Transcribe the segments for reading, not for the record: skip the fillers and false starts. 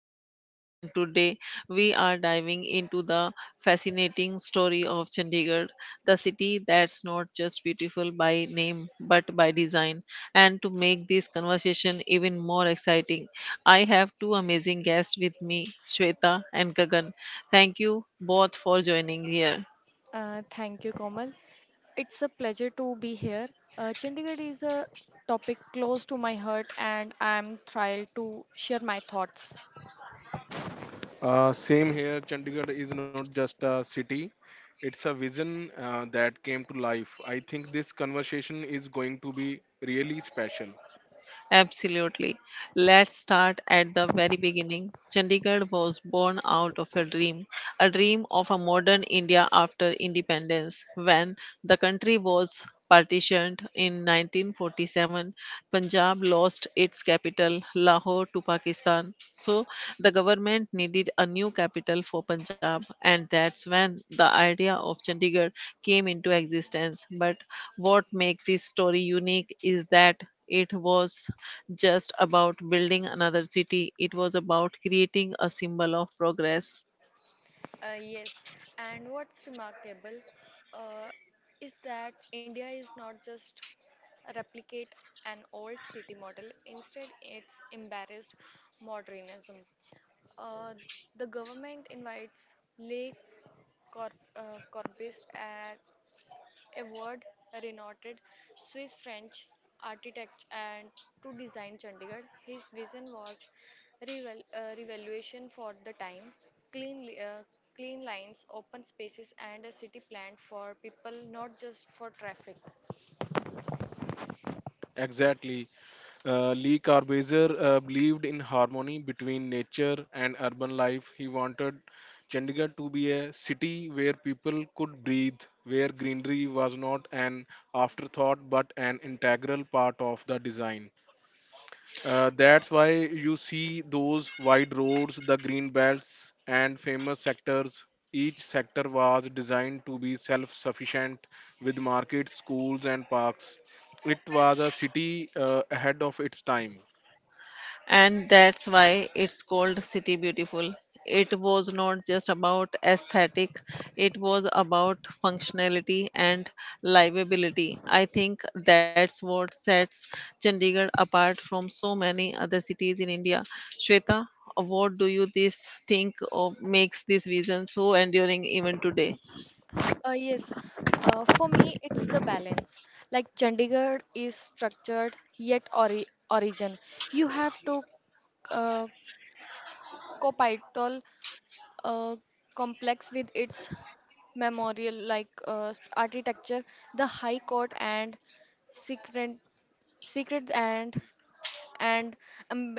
your host, and today we are diving into the fascinating story of Chandigarh, the city that's not just beautiful by name but by design. And to make this conversation even more exciting, I have two amazing guests with me, Shweta and Gagan. Thank you both for joining here. Thank you, Komal. It's a pleasure to be here. Chandigarh is a topic close to my heart, and I'm thrilled to share my thoughts. Same here, Chandigarh is not just a city, it's a vision that came to life. I think this conversation is going to be really special. Absolutely. Let's start at the very beginning. Chandigarh was born out of a dream of a modern India after independence. When the country was partitioned in 1947, Punjab lost its capital, Lahore, to Pakistan. So the government needed a new capital for Punjab, and that's when the idea of Chandigarh came into existence. But what makes this story unique is that it was just about building another city, it was about creating a symbol of progress. Yes, and what's remarkable uh, is that India is not just replicate an old city model, instead, it's embarrassed modernism. Uh, the government invites lay corpus a word renowned Swiss French architect and to design Chandigarh. His vision was revaluation for the time, clean, clean lines, open spaces, and a city planned for people, not just for traffic. Exactly. Lee Corbusier believed in harmony between nature and urban life. He wanted Chandigarh to be a city where people could breathe, where greenery was not an afterthought but an integral part of the design. That's why you see those wide roads, the green belts, and famous sectors. Each sector was designed to be self sufficient with markets, schools, and parks. It was a city ahead of its time. And that's why it's called City Beautiful. It was not just about aesthetic, it was about functionality and livability. I think that's what sets Chandigarh apart from so many other cities in India. Shweta, what do you this think of makes this vision so enduring even today? Yes, for me it's the balance. Like Chandigarh is structured yet origin. You have to uh, copital uh, complex with its memorial like architecture, the High Court and secret secret and um,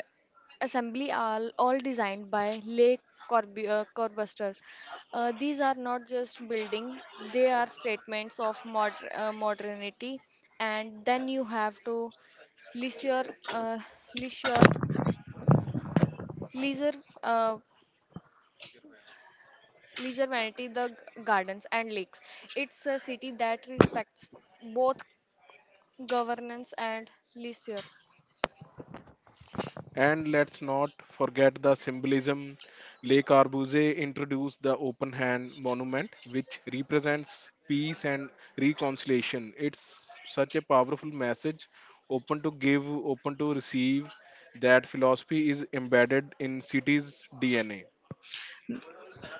assembly are all designed by Le Corbusier. These are not just building; they are statements of modernity. And then you have to leisure, uh, leisure, leisure, uh, leisure vanity, the gardens and lakes. It's a city that respects both governance and leisure. And let's not forget the symbolism. Le Corbusier introduced the open hand monument, which represents peace and reconciliation. It's such a powerful message open to give, open to receive. That philosophy is embedded in cities' DNA.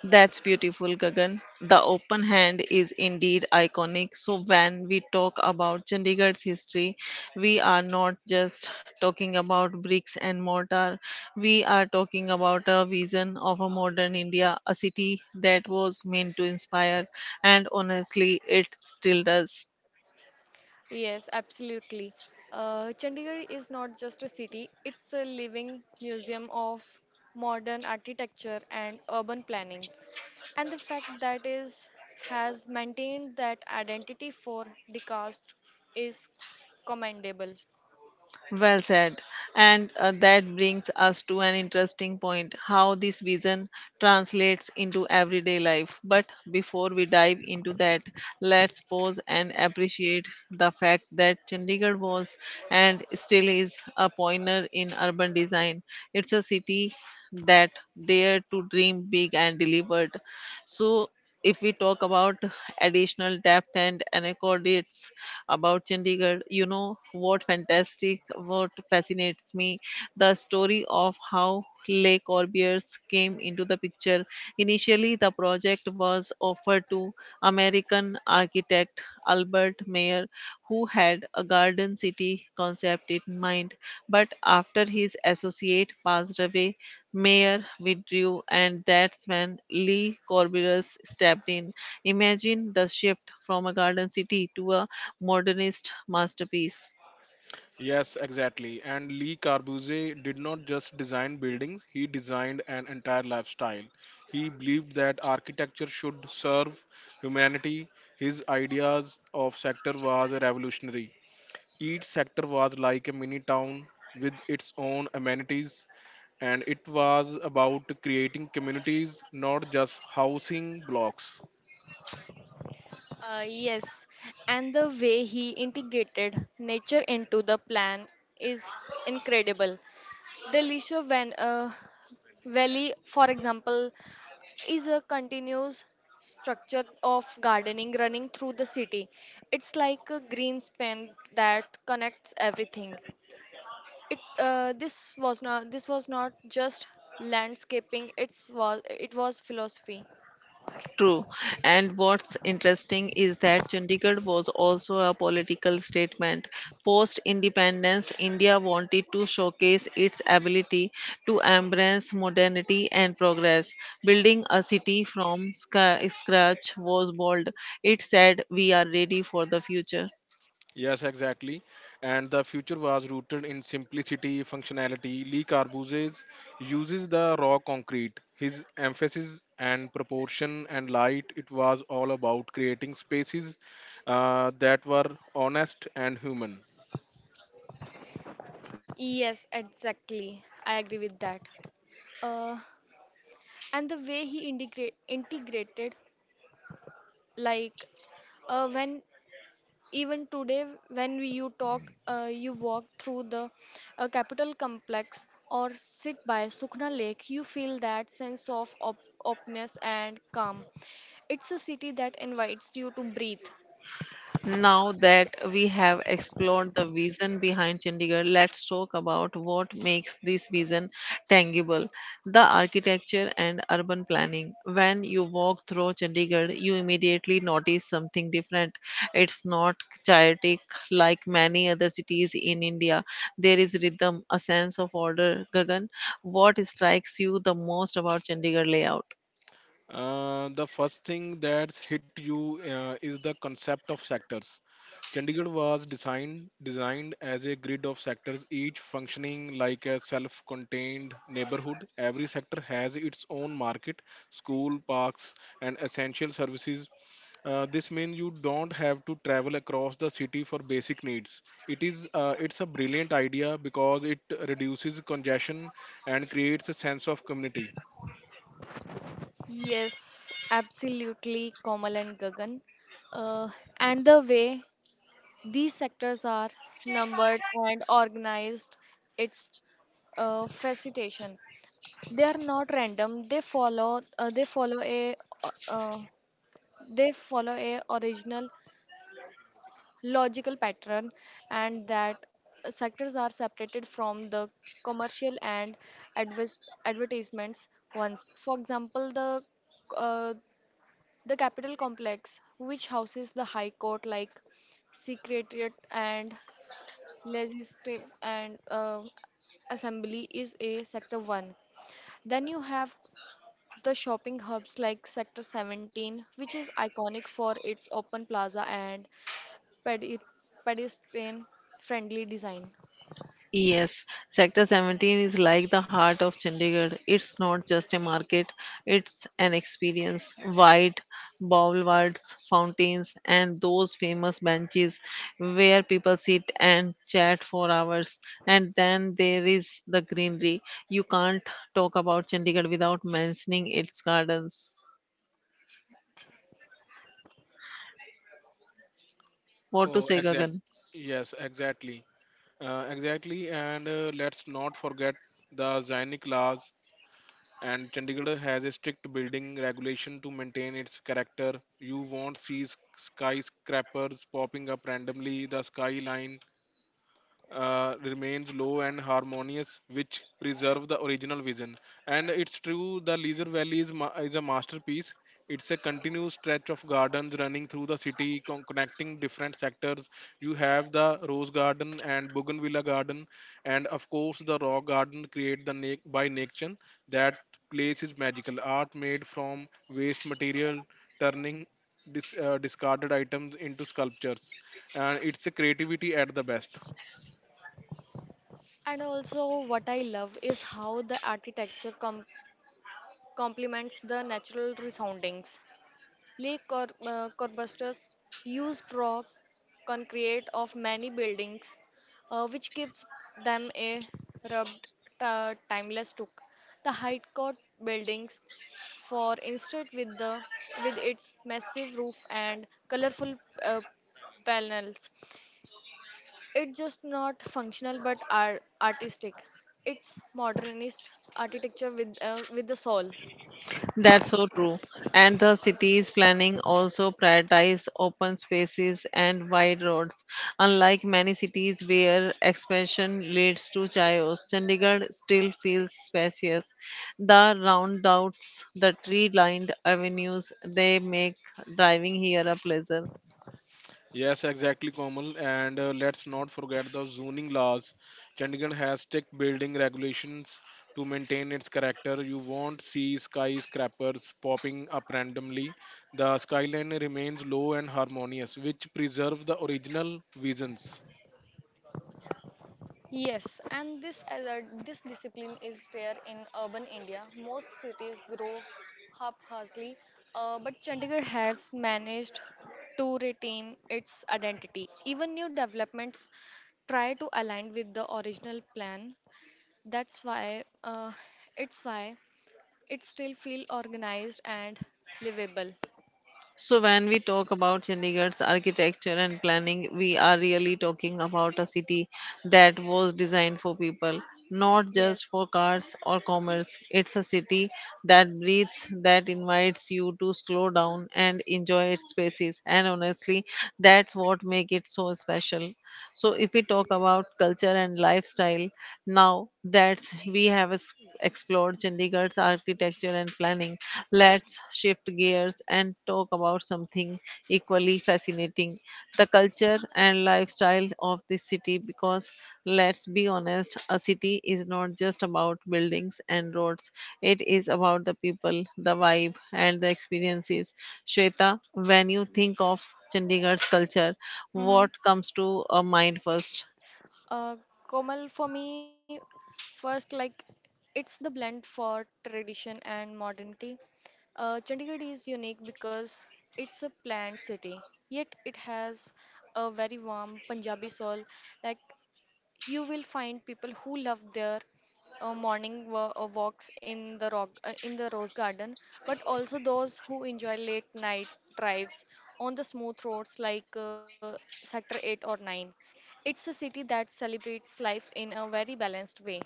That's beautiful, Gagan. The open hand is indeed iconic. So, when we talk about Chandigarh's history, we are not just talking about bricks and mortar, we are talking about a vision of a modern India, a city that was meant to inspire, and honestly, it still does. Yes, absolutely. Chandigarh is not just a city, it's a living museum of modern architecture and urban planning. And the fact that is has maintained that identity for decades is commendable. Well said. And that brings us to an interesting point how this vision translates into everyday life. But before we dive into that, let's pause and appreciate the fact that Chandigarh was and still is a pioneer in urban design. It's a city that dared to dream big and delivered. So, if we talk about additional depth and anecdotes, about Chandigarh. You know what fantastic, what fascinates me, the story of how Le Corbusiers came into the picture. Initially, the project was offered to American architect Albert Mayer, who had a garden city concept in mind. But after his associate passed away, Mayer withdrew, and that's when Lee Corberus stepped in. Imagine the shift from a garden city to a modernist masterpiece. Yes, exactly. And Lee Corbusier did not just design buildings, he designed an entire lifestyle. He believed that architecture should serve humanity. His ideas of sector was revolutionary. Each sector was like a mini town with its own amenities, and it was about creating communities, not just housing blocks. Yes, and the way he integrated nature into the plan is incredible. The Lisho Van, Valley, for example, is a continuous structure of gardening running through the city. It's like a green span that connects everything it this was not just landscaping, it was philosophy. True. And what's interesting is that Chandigarh was also a political statement. Post independence, India wanted to showcase its ability to embrace modernity and progress. Building a city from scratch was bold. It said, we are ready for the future. Yes, exactly. And the future was rooted in simplicity, functionality. Lee Corbusier uses the raw concrete. His emphasis and proportion and light, it was all about creating spaces that were honest and human. Yes, exactly. I agree with that. uh, and the way he integrated like when even today when you talk you walk through the capital complex or sit by sukhna lake you feel that sense of openness and calm. It's a city that invites you to breathe. Now that we have explored the vision behind Chandigarh, let's talk about what makes this vision tangible the architecture and urban planning. When you walk through Chandigarh, you immediately notice something different. It's not chaotic like many other cities in India. There is rhythm, a sense of order. Gagan, what strikes you the most about Chandigarh layout? The first thing that's hit you is the concept of sectors. Chandigarh was designed as a grid of sectors, each functioning like a self-contained neighborhood. Every sector has its own market, school, parks, and essential services. This means you don't have to travel across the city for basic needs. It's a brilliant idea because it reduces congestion and creates a sense of community. Yes, absolutely, Komal and Gagan. Uh, and the way these sectors are numbered and organized, it's facilitation. They are not random. Uh, uh, they follow a original logical pattern, and that sectors are separated from the commercial and advis advertisements ones. For example, uh, the Capitol complex, which houses the High Court like Secretariat and Legislative and Assembly, is a Sector 1. Then you have the shopping hubs like Sector 17, which is iconic for its open plaza and pedi- pedestrian friendly design. Yes, Sector 17 is like the heart of Chandigarh. It's not just a market, it's an experience. Wide boulevards, fountains, and those famous benches where people sit and chat for hours. And then there is the greenery. You can't talk about Chandigarh without mentioning its gardens. What to Oh, say, exact. Gagan? Yes, exactly. Exactly. And let's not forget the Zionic and Chandigarh has a strict building regulation to maintain its character. You won't see skyscrapers popping up randomly. The skyline remains low and harmonious, which preserve the original vision. And it's true, the Leisure Valley is a masterpiece. It's a continuous stretch of gardens running through the city, connecting different sectors. You have the Rose Garden and Bougainvillea Garden, and of course the Rock Garden, created the by nature. That place is magical. Art made from waste material, turning discarded items into sculptures, and it's a creativity at the best. And also, what I love is how the architecture complements the natural resoundings. Corbusier's used raw concrete of many buildings, which gives them a rubbed, timeless look. The High Court buildings, for instance, with its massive roof and colorful uh, panels, it's just not functional but are artistic. It's modernist architecture with the soul. That's so true. And the city's planning also prioritize open spaces and wide roads. Unlike many cities where expansion leads to chaos, Chandigarh still feels spacious. The roundabouts, the tree-lined avenues, they make driving here a pleasure. Yes, exactly, Komal. And let's not forget the zoning laws. Chandigarh has strict building regulations to maintain its character. You won't see skyscrapers popping up randomly. The skyline remains low and harmonious, which preserve the original visions. Yes, and this alert, this discipline is rare in urban India. Most cities grow haphazardly, but Chandigarh has managed to retain its identity. Even new developments try to align with the original plan. That's why it still feel organized and livable. So, when we talk about Chandigarh's architecture and planning, we are really talking about a city that was designed for people, not just Yes. for cars or commerce. It's a city that breathes, that invites you to slow down and enjoy its spaces. And honestly, that's what makes it so special. So, if we talk about culture and lifestyle, now that we have explored Chandigarh's architecture and planning, let's shift gears and talk about something equally fascinating the culture and lifestyle of this city. Because let's be honest, a city is not just about buildings and roads, it is about the people, the vibe, and the experiences. Shweta, when you think of Chandigarh's culture, what Mm-hmm. comes to a mind first? Uh, Komal, for me, first, like, it's the blend for tradition and modernity. Chandigarh is unique because it's a planned city, yet it has a very warm Punjabi soul. Like, you will find people who love their morning wa- walks in the in the rose garden, but also those who enjoy late night drives on the smooth roads like Sector 8 or 9. It's a city that celebrates life in a very balanced way.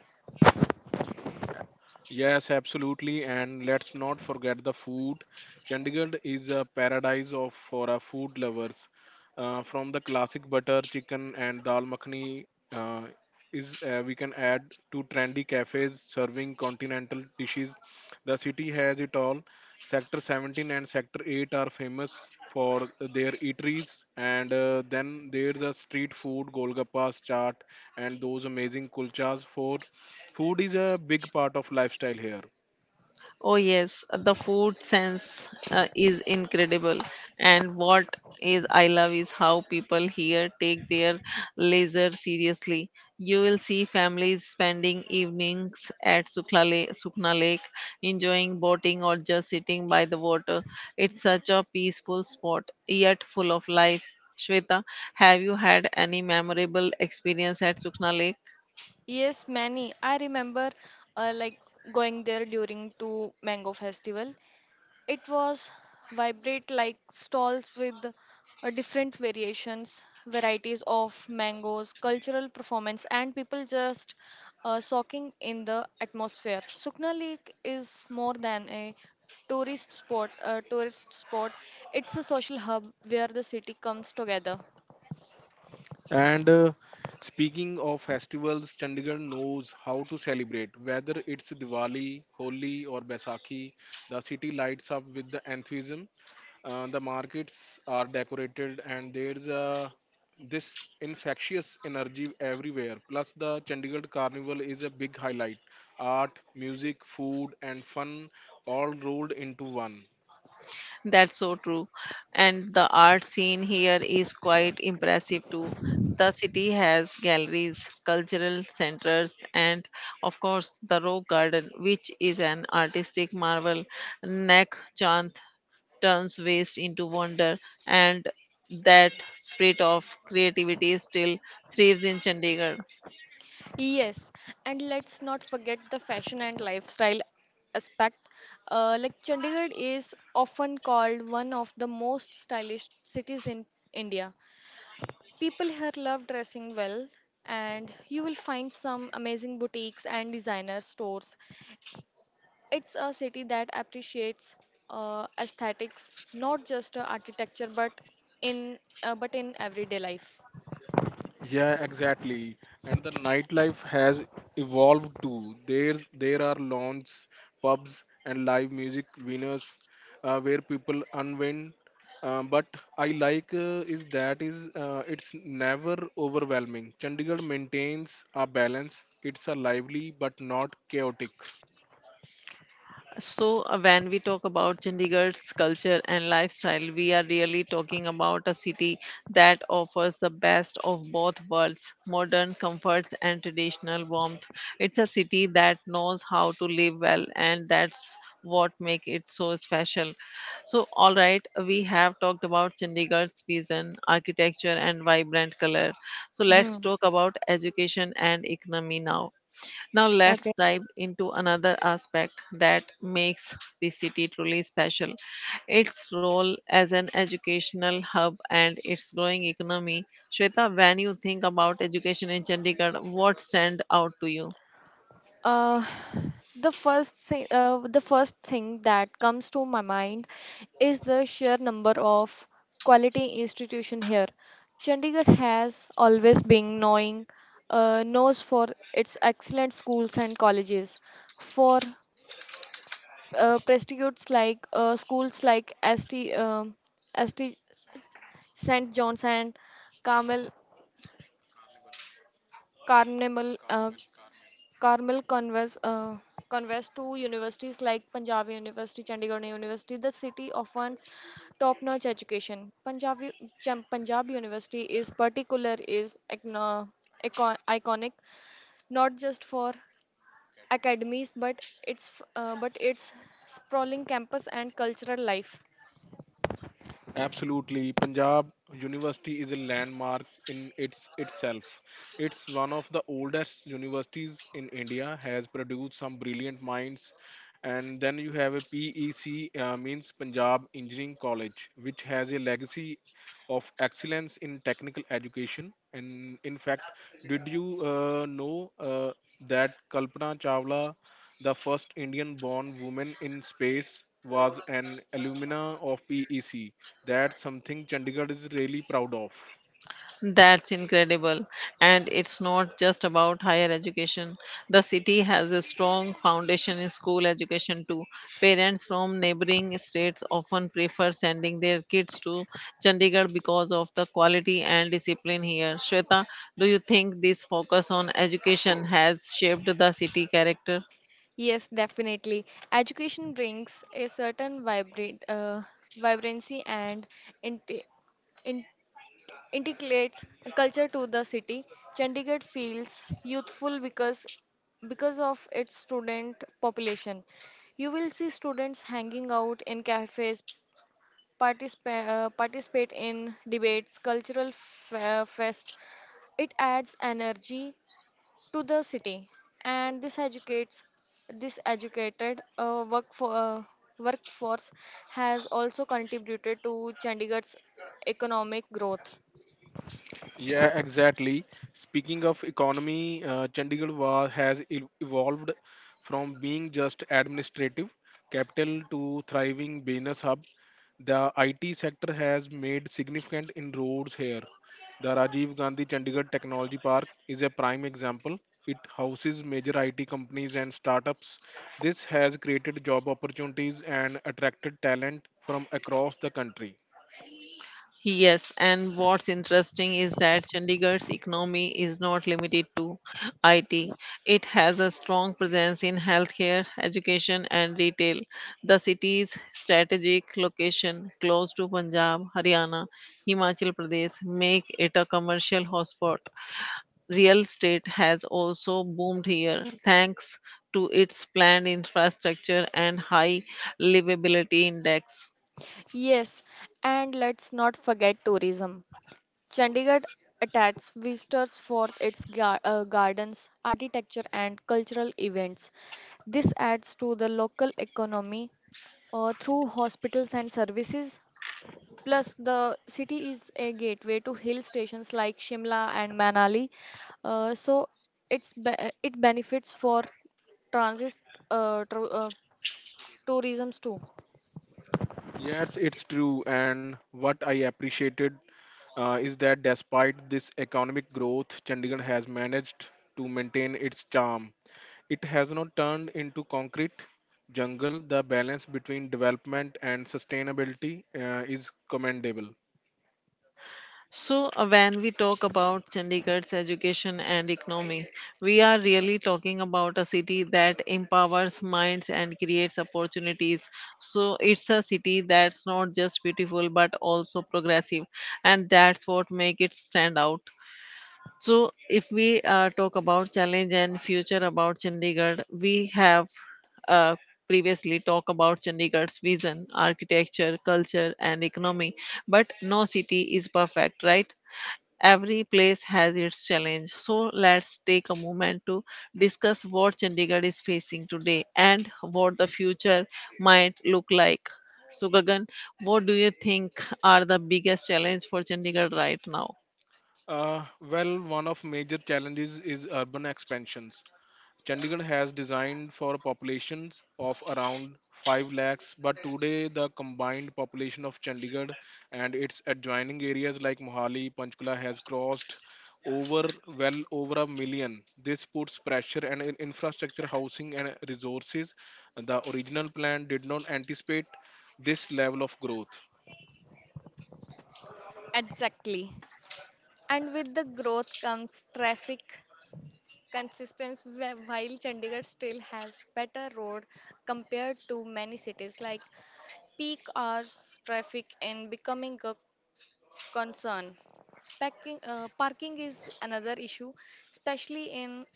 Yes, absolutely. And let's not forget the food. Chandigarh is a paradise of for our food lovers. From the classic butter chicken and dal makhani uh, is we can add to trendy cafes serving continental dishes. The city has it all. Sector 17 and Sector 8 are famous for their eateries, and then there's a street food, golgappas, chaat, and those amazing kulchas for food is a big part of lifestyle here. Oh, yes, the food sense is incredible. And what is I love is how people here take their leisure seriously. You will see families spending evenings at Sukla Lake, Sukna Lake, enjoying boating or just sitting by the water. It's such a peaceful spot, yet full of life. Shweta, have you had any memorable experience at Sukna Lake? Yes, many. I remember like going there during to mango festival. It was vibrate like stalls with different varieties of mangoes, cultural performance, and people just soaking in the atmosphere. Sukna Lake is more than a tourist spot. A tourist spot. It's a social hub where the city comes together. And speaking of festivals, Chandigarh knows how to celebrate. Whether it's Diwali, Holi, or Baisakhi, the city lights up with the enthusiasm. The markets are decorated, and there's a this infectious energy everywhere. Plus, the Chandigarh Carnival is a big highlight. Art, music, food, and fun all rolled into one. That's so true. And the art scene here is quite impressive too. The city has galleries, cultural centers, and of course the Rock Garden, which is an artistic marvel. Nak Chand turns waste into wonder, and that spirit of creativity still thrives in Chandigarh. Yes, and let's not forget the fashion and lifestyle aspect. Like Chandigarh is often called one of the most stylish cities in India. People here love dressing well, and you will find some amazing boutiques and designer stores. It's a city that appreciates aesthetics, not just architecture, but in everyday life. Yeah, exactly. And the nightlife has evolved too. There are lawns, pubs, and live music venues where people unwind. But I like is that is it's never overwhelming. Chandigarh maintains a balance. It's a lively but not chaotic. So, when we talk about Chandigarh's culture and lifestyle, we are really talking about a city that offers the best of both worlds modern comforts and traditional warmth. It's a city that knows how to live well, and that's what makes it so special. So, all right, we have talked about Chandigarh's vision, architecture, and vibrant color. So, let's Mm-hmm. talk about education and economy now. Now let's dive into another aspect that makes the city truly special. Its role as an educational hub and its growing economy. Shweta, when you think about education in Chandigarh, what stands out to you? Uh, the first thing that comes to my mind is the sheer number of quality institution here. Chandigarh has always been knowing knows for its excellent schools and colleges, for prestigious like schools like ST, um ST St. John's and Carmel, Carnival, uh, Carmel conveys, conveys to universities like Punjab University, Chandigarh University. The city offers top-notch education. Punjab University is particular is iconic not just for academies but its but its sprawling campus and cultural life. Absolutely. Punjab University is a landmark in its itself. It's one of the oldest universities in India, has produced some brilliant minds and then you have a PEC means Punjab Engineering College, which has a legacy of excellence in technical education. And in fact, did you know that Kalpana Chawla, the first Indian-born woman in space, was an alumna of PEC? That's something Chandigarh is really proud of. That's incredible. And it's not just about higher education. The city has a strong foundation in school education too. Parents from neighboring states often prefer sending their kids to Chandigarh because of the quality and discipline here. Shweta, do you think this focus on education has shaped the city character? Yes, definitely. Education brings a certain vibrancy and int- integrates culture to the city. Chandigarh feels youthful because of its student population. You will see students hanging out in cafes, participate in debates, cultural fest. It adds energy to the city, and this educated workforce has also contributed to Chandigarh's economic growth. Yeah, exactly. Speaking of economy, Chandigarh has evolved from being just administrative capital to thriving business hub. The IT sector has made significant inroads here. The Rajiv Gandhi Chandigarh Technology Park is a prime example. It houses major IT companies and startups. This has created job opportunities and attracted talent from across the country. Yes, and what's interesting is that Chandigarh's economy is not limited to IT. It has a strong presence in healthcare, education, and retail. The city's strategic location close to Punjab, Haryana, Himachal Pradesh make it a commercial hotspot. Real estate has also boomed here thanks to its planned infrastructure and high livability index. Yes, and let's not forget tourism. Chandigarh attracts visitors for its gardens, architecture, and cultural events. This adds to the local economy through hospitals and services. Plus, the city is a gateway to hill stations like Shimla and Manali, so it's be- it benefits for transit uh, tr- uh, tourism too. Yes, it's true. And what I appreciated is that despite this economic growth, Chandigarh has managed to maintain its charm. It has not turned into concrete jungle. The balance between development and sustainability is commendable. So, when we talk about Chandigarh's education and economy, we are really talking about a city that empowers minds and creates opportunities. So, it's a city that's not just beautiful but also progressive, and that's what makes it stand out. So, if we talk about challenge and future about Chandigarh, we have uh, previously talked about Chandigarh's vision, architecture, culture, and economy. But no city is perfect, right? Every place has its challenge. So let's take a moment to discuss what Chandigarh is facing today and what the future might look like. So Gagan, what do you think are the biggest challenge for Chandigarh right now? Uh, well, one of major challenges is urban expansions. Chandigarh has designed for populations of around 5 lakhs, but today the combined population of Chandigarh and its adjoining areas like Mohali, Panchkula has crossed over well over a million. This puts pressure on infrastructure, housing, and resources. The original plan did not anticipate this level of growth. Exactly. And with the growth comes traffic, Consistence while Chandigarh still has better road compared to many cities like peak hours traffic and becoming a concern. Packing, parking is another issue, especially in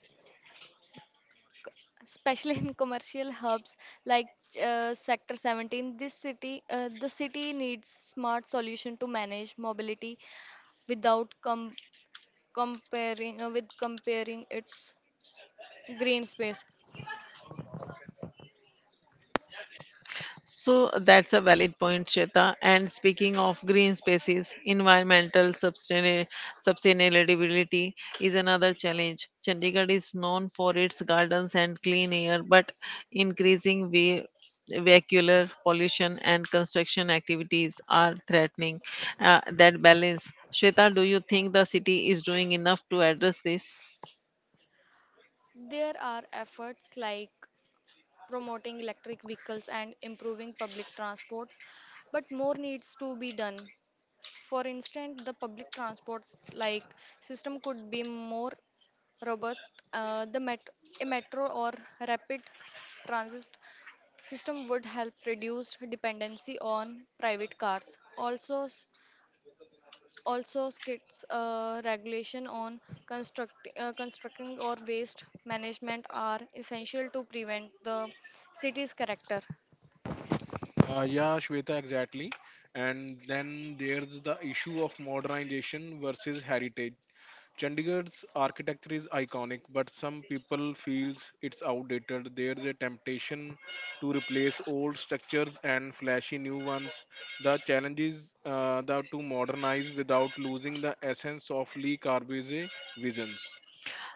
especially in commercial hubs like sector 17. This city the city needs smart solution to manage mobility without comparing with comparing its green space. So that's a valid point, Shweta. And speaking of green spaces, sustainability is another challenge. Chandigarh is known for its gardens and clean air, but increasing vehicular pollution and construction activities are threatening that balance. Shweta, do you think the city is doing enough to address this? There are efforts like promoting electric vehicles and improving public transports, but more needs to be done. For instance, the public transports like system could be more robust. A metro or rapid transit system would help reduce dependency on private cars. Also, also skits regulation on constructing or waste management are essential to prevent the city's character. Yeah, Shweta, exactly. And then there's the issue of modernization versus heritage. Chandigarh's architecture is iconic, but some people feels it's outdated. There's a temptation to replace old structures and flashy new ones. The challenge is to modernize without losing the essence of Lee Corbusier visions.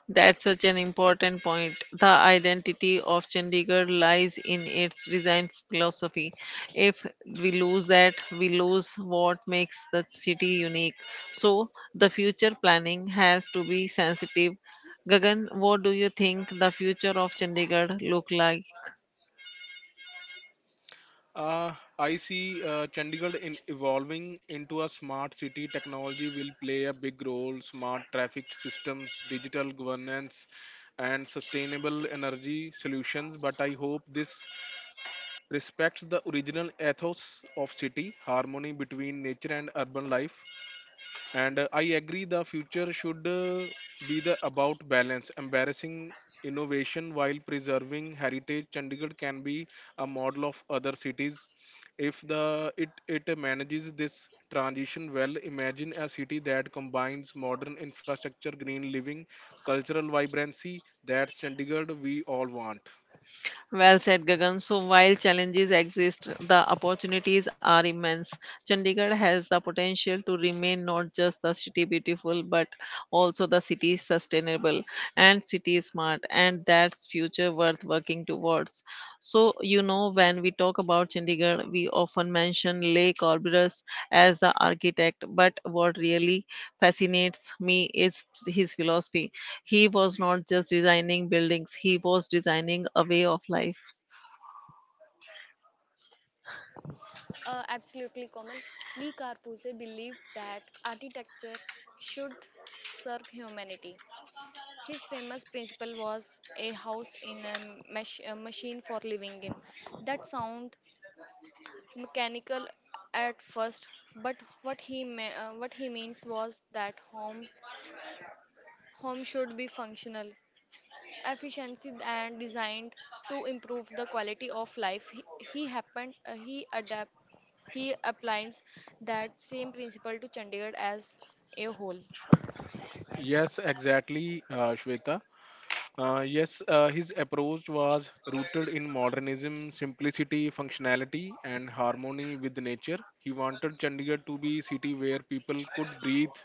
That's such an important point. The identity of Chandigarh lies in its design philosophy. If we lose that, we lose what makes the city unique. So, the future planning has to be sensitive. Gagan, what do you think the future of Chandigarh look like? Uh, I see Chandigarh in evolving into a smart city. Technology will play a big role. Smart traffic systems, digital governance, and sustainable energy solutions. But I hope this respects the original ethos of city, harmony between nature and urban life. And I agree the future should be the about balance, embarrassing innovation while preserving heritage. Chandigarh can be a model of other cities if it manages this transition well. Imagine a city that combines modern infrastructure, green living, cultural vibrancy. That's Chandigarh we all want. Well said, Gagan. So, while challenges exist, the opportunities are immense. Chandigarh has the potential to remain not just the city beautiful, but also the city sustainable and city smart, and that's future worth working towards. So, you know, when we talk about Chandigarh, we often mention Le Corbusier as the architect, but what really fascinates me is his philosophy. He was not just designing buildings, he was designing a way of life. Absolutely, Komal. Lee Carpuse believed that architecture should serve humanity. His famous principle was a house in a, a machine for living in. That sound mechanical at first, but what he means was that home should be functional. Efficiency and designed to improve the quality of life. He happened he adapt he applies that same principle to Chandigarh as a whole. Yes, exactly, Shweta. Yes, his approach was rooted in modernism, simplicity, functionality, and harmony with nature. He wanted Chandigarh to be a city where people could breathe,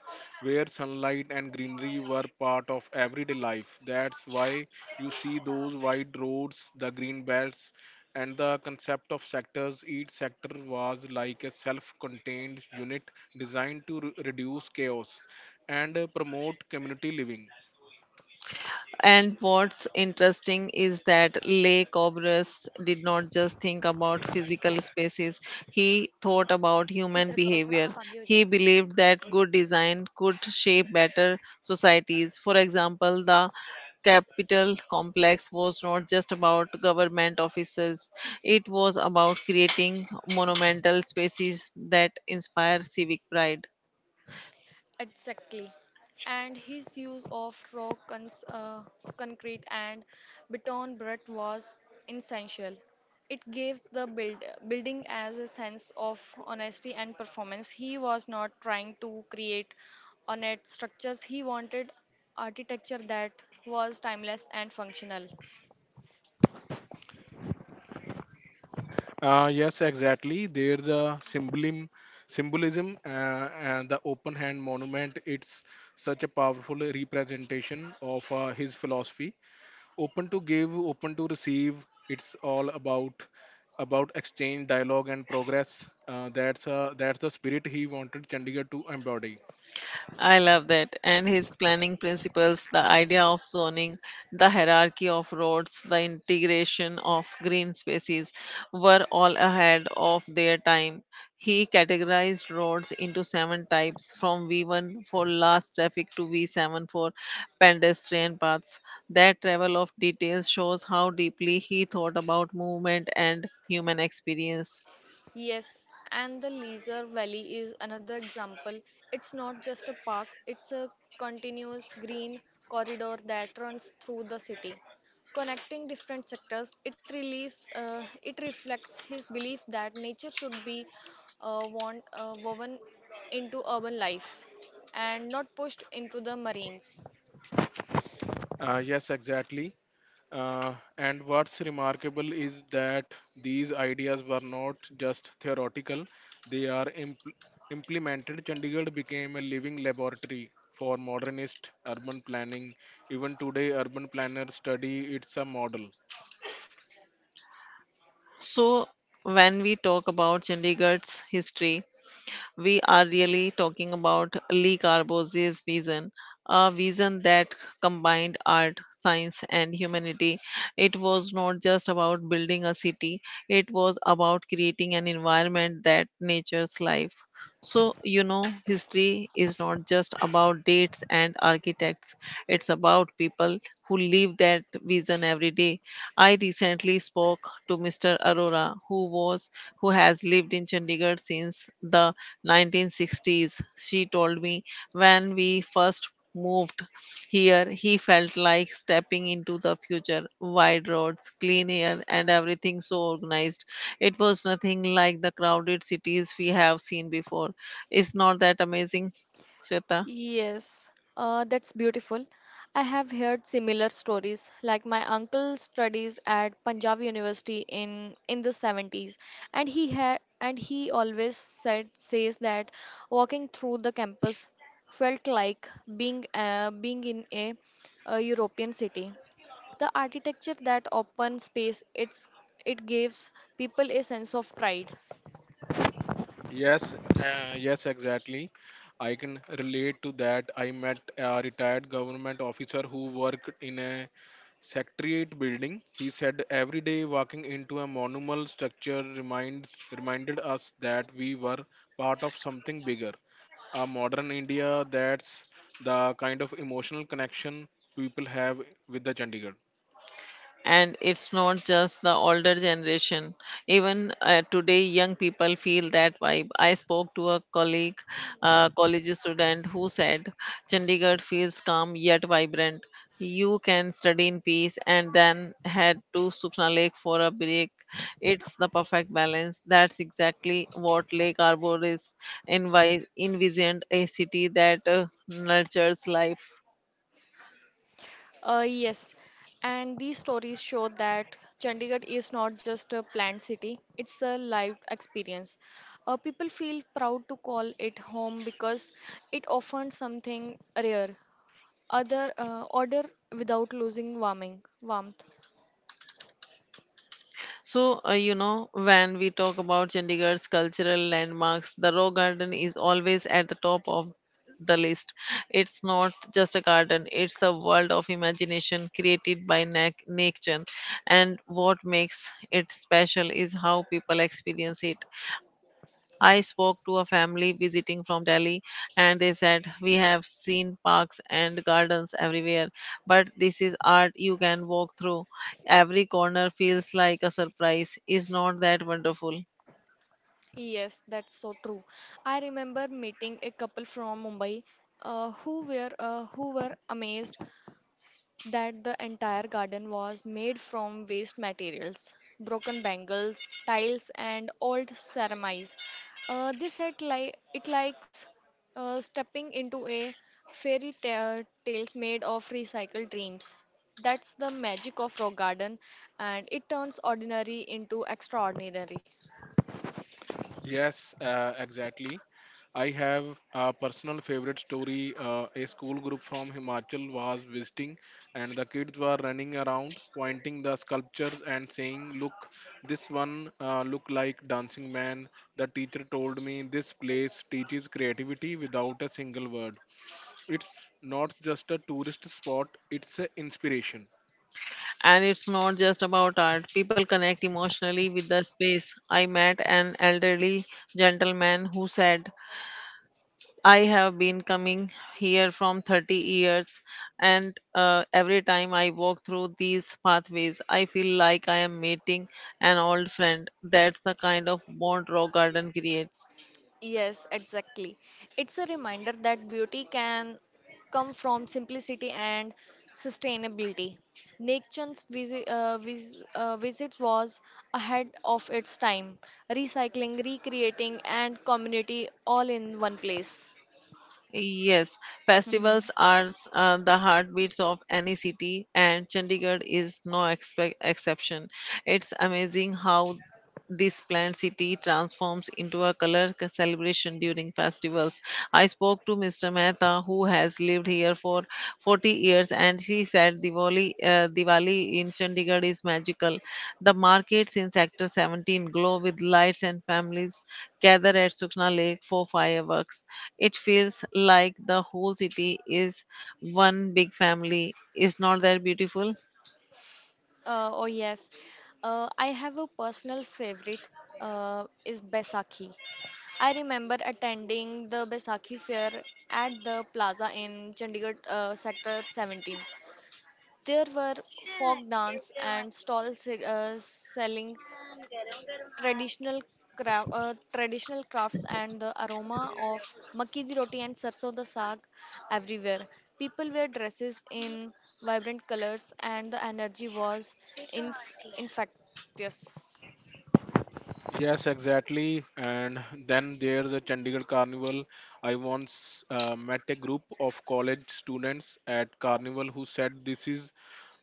where sunlight and greenery were part of everyday life. That's why you see those wide roads, the green belts, and the concept of sectors. Each sector was like a self-contained unit designed to reduce chaos and promote community living. And what's interesting is that Le Corbusier did not just think about physical spaces, he thought about human इधर करो थोड़ा behavior. आप आगे हो जाओ. He believed that good design could shape better societies. For example, the Capitol complex was not just about government offices, it was about creating monumental spaces that inspire civic pride. Exactly. And his use of concrete, and beton brick was essential. It gave building as a sense of honesty and performance. He was not trying to create ornate structures, he wanted architecture that was timeless and functional. Yes, exactly. There's a symbolism and the open hand monument. It's such a powerful representation of his philosophy. Open to give, open to receive. It's all about exchange, dialogue, and progress. That's the spirit he wanted Chandigarh to embody. I love that. And his planning principles, the idea of zoning, the hierarchy of roads, the integration of green spaces were all ahead of their time. He categorized roads into seven types from V1 for last traffic to V7 for pedestrian paths. That level of detail shows how deeply he thought about movement and human experience. Yes, and the Leisure Valley is another example. It's not just a park, it's a continuous green corridor that runs through the city, connecting different sectors. It it reflects his belief that nature should be woven into urban life and not pushed into the marines. Yes, exactly. And what's remarkable is that these ideas were not just theoretical, they are implemented. Chandigarh became a living laboratory for modernist urban planning. Even today, urban planners study it's a model. So, when we talk about Chandigarh's history, we are really talking about Lee Carbose's vision, a vision that combined art, science, and humanity. It was not just about building a city, it was about creating an environment that nature's life. So, you know, history is not just about dates and architects, it's about people who live that vision every day. I recently spoke to Mr. Arora, who has lived in Chandigarh since the 1960s, she told me. When we first moved here, he felt like stepping into the future. Wide roads, clean air, and everything so organized. It was nothing like the crowded cities we have seen before. Is not that amazing, Shweta? Yes, that's beautiful. I have heard similar stories. Like my uncle studies at Punjab University in the 70s, and he had and he always said says that walking through the campus felt like being in a European city. The architecture, that open space, it gives people a sense of pride. Yes, exactly. I can relate to that. I met a retired government officer who worked in a secretariat building. He said every day walking into a monumental structure reminds reminded us that we were part of something bigger. A modern India. That's the kind of emotional connection people have with the Chandigarh. And it's not just the older generation, even today young people feel that vibe. I spoke to a colleague, a college student who said Chandigarh feels calm yet vibrant. You can study in peace and then head to Sukhna Lake for a break. It's the perfect balance. That's exactly what Lake Arbor is envisioned, a city that nurtures life. Yes, and these stories show that Chandigarh is not just a planned city, it's a lived experience. People feel proud to call it home because it offers something rare, other order without losing warming warmth. So, when we talk about Chandigarh's cultural landmarks, the Rock Garden is always at the top of the list. It's not just a garden, it's a world of imagination created by nature. And what makes it special is how people experience it. I spoke to a family visiting from Delhi and they said, we have seen parks and gardens everywhere, but this is art you can walk through. Every corner feels like a surprise. Is not that wonderful? Yes, that's so true. I remember meeting a couple from Mumbai who were amazed that the entire garden was made from waste materials, broken bangles, tiles, and old ceramides. It likes stepping into a fairy tale tales made of recycled dreams. That's the magic of rock garden, and it turns ordinary into extraordinary. Yes, exactly. I have a personal favorite story. A school group from Himachal was visiting, and the kids were running around, pointing the sculptures and saying, "Look, this one look like dancing man." The teacher told me this place teaches creativity without a single word. It's not just a tourist spot; it's an inspiration. And it's not just about art, people connect emotionally with the space. I met an elderly gentleman who said, I have been coming here from 30 years, and every time I walk through these pathways, I feel like I am meeting an old friend. That's the kind of bond Rock Garden creates. Yes, exactly. It's a reminder that beauty can come from simplicity and sustainability. Nature's visits was ahead of its time, recycling, recreating, and community all in one place. Yes, festivals are the heartbeats of any city, and Chandigarh is no exception. It's amazing how this planned city transforms into a celebration during festivals. I spoke to Mr. Mehta, who has lived here for 40 years, and he said Diwali, Diwali in Chandigarh is magical. The markets in Sector 17 glow with lights, and families gather at Sukna Lake for fireworks. It feels like the whole city is one big family. Is not that beautiful? Oh yes, I have a personal favorite is Baisakhi. I remember attending the Baisakhi fair at the plaza in Chandigarh sector 17. There were folk dance and stalls selling traditional traditional crafts and the aroma of makki di roti and sarson da saag everywhere. People were dresses in vibrant colors and the energy was inf- infectious. Yes, exactly. And then there's a Chandigarh Carnival. I once met a group of college students at Carnival who said this is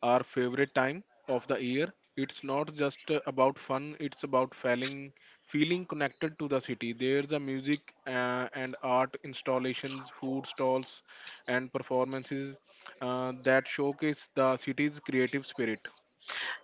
our favorite time of the year. It's not just about fun, it's about feeling connected to the city. There's a music and art installations, food stalls, and performances that showcase the city's creative spirit.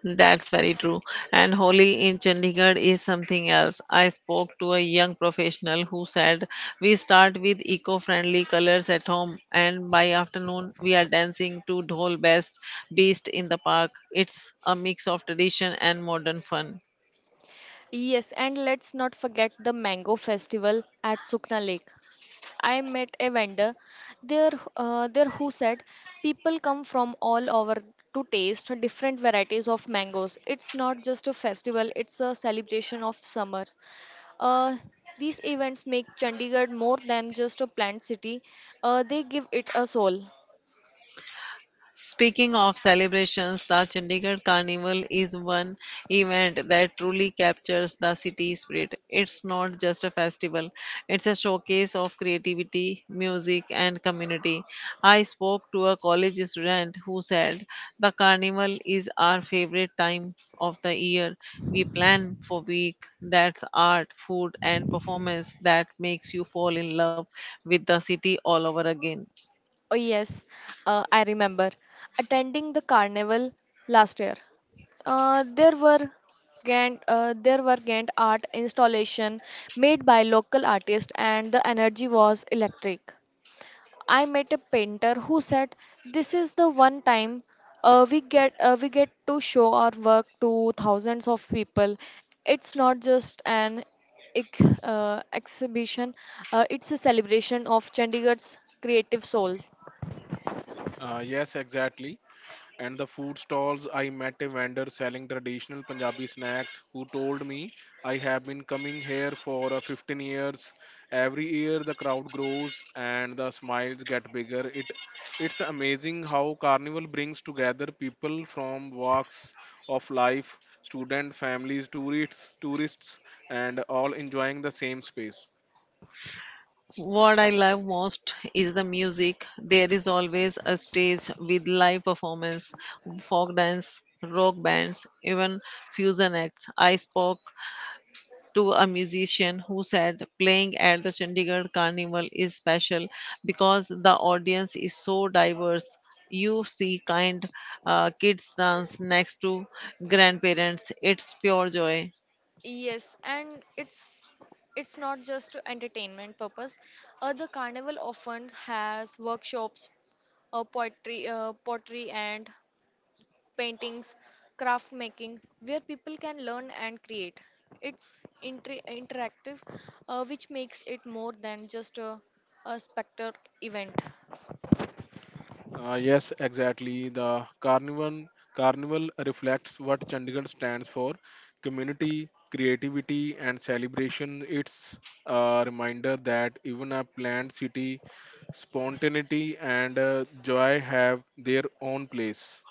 That's very true. And Holi in Chandigarh is something else. I spoke to a young professional who said, we start with eco friendly colors at home, and by afternoon, we are dancing to Dhol Best Beast in the park. It's a mix of tradition and modern fun. Yes, and let's not forget the mango festival at Sukna Lake. I met a vendor there, there who said people come from all over to taste different varieties of mangoes. It's not just a festival, it's a celebration of summers. Uh, these events make Chandigarh more than just a planned city, they give it a soul. Speaking of celebrations, the Chandigarh Carnival is one event that truly captures the city spirit. It's not just a festival, it's a showcase of creativity, music, and community. I spoke to a college student who said, the carnival is our favorite time of the year. We plan for week that's art, food, and performance that makes you fall in love with the city all over again. Oh, yes, I remember attending the carnival last year. Uh, there were there were Ghent art installation made by local artists, and the energy was electric. I met a painter who said, "This is the one time we get to show our work to thousands of people. It's not just an exhibition; it's a celebration of Chandigarh's creative soul." Yes, exactly. And the food stalls, I met a vendor selling traditional Punjabi snacks who told me I have been coming here for 15 years. Every year the crowd grows and the smiles get bigger. It's amazing how carnival brings together people from walks of life, student families, tourists and all enjoying the same space. What I love most is the music. There is always a stage with live performance, folk dance, rock bands, even fusion acts. I spoke to a musician who said playing at the Chandigarh Carnival is special because the audience is so diverse. You see kind kids dance next to grandparents. It's pure joy. Yes, and it's not just to entertainment purpose. The carnival often has workshops, poetry, pottery and paintings, craft making, where people can learn and create. It's interactive, which makes it more than just a specter event. Yes, exactly. The carnival reflects what Chandigarh stands for: community, creativity, and celebration. It's a reminder that even a planned city, spontaneity and joy have their own place.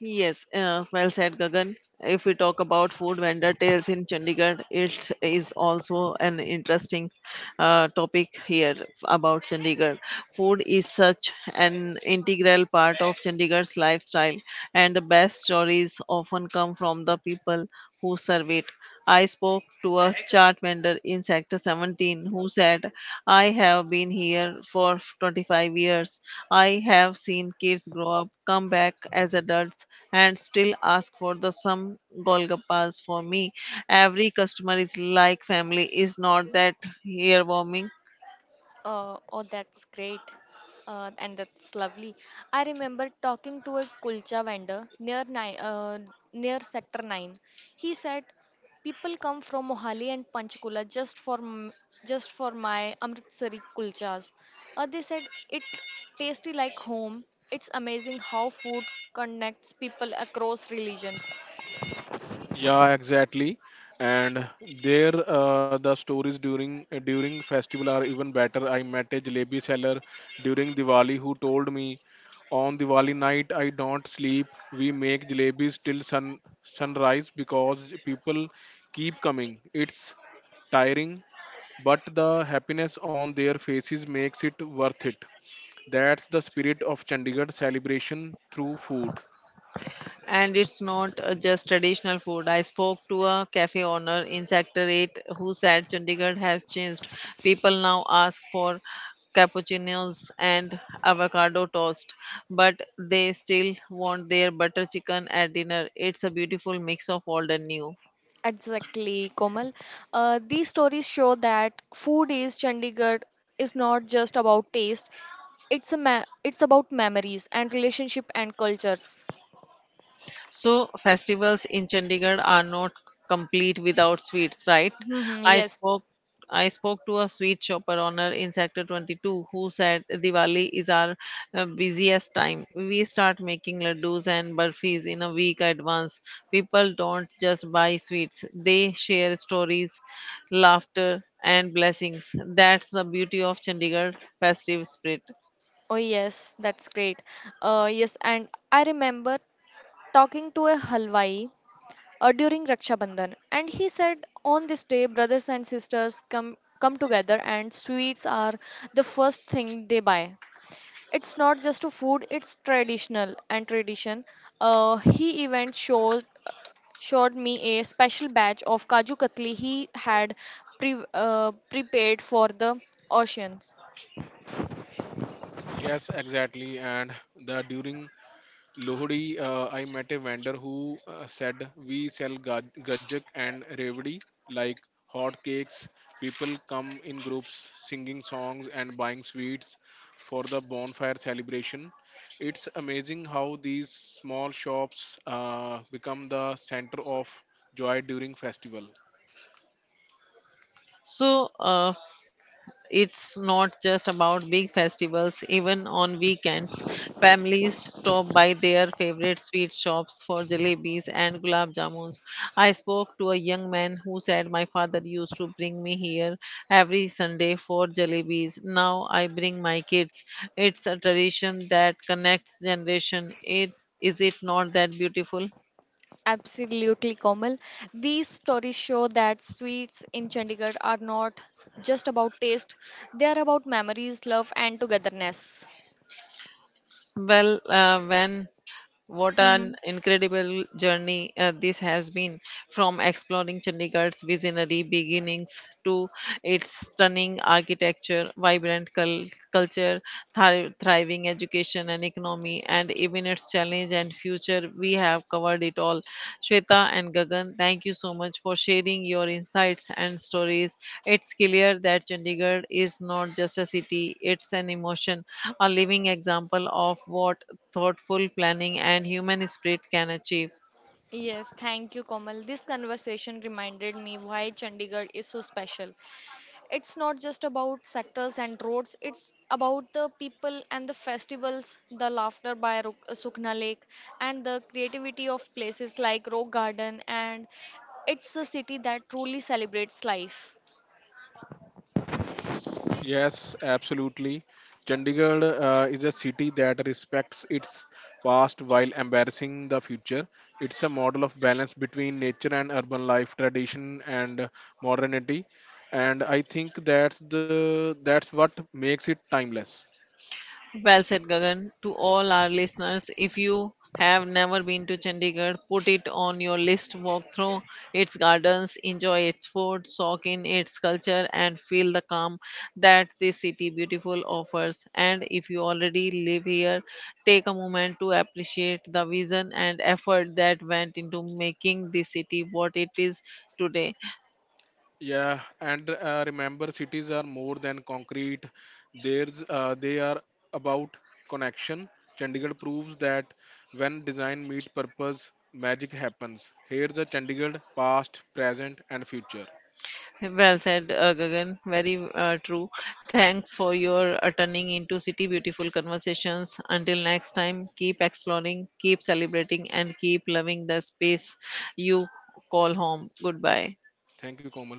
Yes, well said, Gagan. If we talk about food vendor tales in Chandigarh, it is also an interesting topic here about Chandigarh. Food is such an integral part of Chandigarh's lifestyle, and the best stories often come from the people who serve it. I spoke to a chart vendor in Sector 17 who said, I have been here for 25 years. I have seen kids grow up, come back as adults, and still ask for the some golgappas for me. Every customer is like family. Is not that here warming? Oh, that's great. And that's lovely. I remember talking to a kulcha vendor near near Sector 9. He said, "People come from Mohali and Panchkula just just for my Amritsari kulchas. They said it tasty like home. It's amazing how food connects people across religions." Yeah, exactly. And there, the stories during festival are even better. I met a jalebi seller during Diwali who told me, on Diwali night I don't sleep. We make jalebis till sunrise because people keep coming. It's tiring, but the happiness on their faces makes it worth it. That's the spirit of Chandigarh celebration through food. And it's not just traditional food. I spoke to a cafe owner in Sector 8 who said Chandigarh has changed. People now ask for cappuccinos and avocado toast, but they still want their butter chicken at dinner. It's a beautiful mix of old and new. Exactly, Komal. These stories show that food is Chandigarh is not just about taste. It's about memories and relationship and cultures. So festivals in Chandigarh are not complete without sweets, right? Hmm, I yes. spoke I spoke to a sweet shop owner in Sector 22 who said Diwali is our busiest time. We start making laddus and burfis in a week advance. People don't just buy sweets; they share stories, laughter, and blessings. That's the beauty of Chandigarh festive spirit. Oh yes, that's great. Yes, and I remember talking to a halwai during Raksha Bandhan, and he said on this day brothers and sisters come together and sweets are the first thing they buy. It's not just a food, it's traditional and tradition. He even showed me a special batch of Kaju Katli he had prepared for the oceans. Yes, exactly. And the during Lohri, I met a vendor who said we sell gajak and revdi like hot cakes. People come in groups singing songs and buying sweets for the bonfire celebration. It's amazing how these small shops become the center of joy during festival. So, it's not just about big festivals, even on weekends families stop by their favorite sweet shops for jalebis and gulab jamuns. I spoke to a young man who said, my father used to bring me here every Sunday for jalebis, now I bring my kids. It's a tradition that connects generation. It is, it not that beautiful? Absolutely, Komal. These stories show that sweets in Chandigarh are not just about taste, they are about memories, love, and togetherness. Well uh, when what an Mm-hmm. incredible journey this has been, from exploring Chandigarh's visionary beginnings to its stunning architecture, vibrant culture, thriving education and economy, and even its challenge and future. We have covered it all. Shweta and Gagan, thank you so much for sharing your insights and stories. It's clear that Chandigarh is not just a city, it's an emotion, a living example of what thoughtful planning and human spirit can achieve. Yes, thank you, Komal. This conversation reminded me why Chandigarh is so special. It's not just about sectors and roads, it's about the people and the festivals, the laughter by Sukhna Lake, and the creativity of places like Rock Garden. And it's a city that truly celebrates life. Yes, absolutely. Chandigarh is a city that respects its past while embracing the future. It's a model of balance between nature and urban life, tradition and modernity, and I think that's the that's what makes it timeless. Well said, Gagan. To all our listeners, if you have never been to Chandigarh, put it on your list. Walk through its gardens, enjoy its food, soak in its culture, and feel the calm that this city beautiful offers. And if you already live here, take a moment to appreciate the vision and effort that went into making this city what it is today. Yeah, and remember, cities are more than concrete. They are about connection. Chandigarh proves that when design meet purpose, magic happens. Here's a Chandigarh past, present, and future. Well said, Gagan. Very true. Thanks for your turning into city beautiful conversations. Until next time, keep exploring, keep celebrating, and keep loving the space you call home. Goodbye. Thank you, Komal.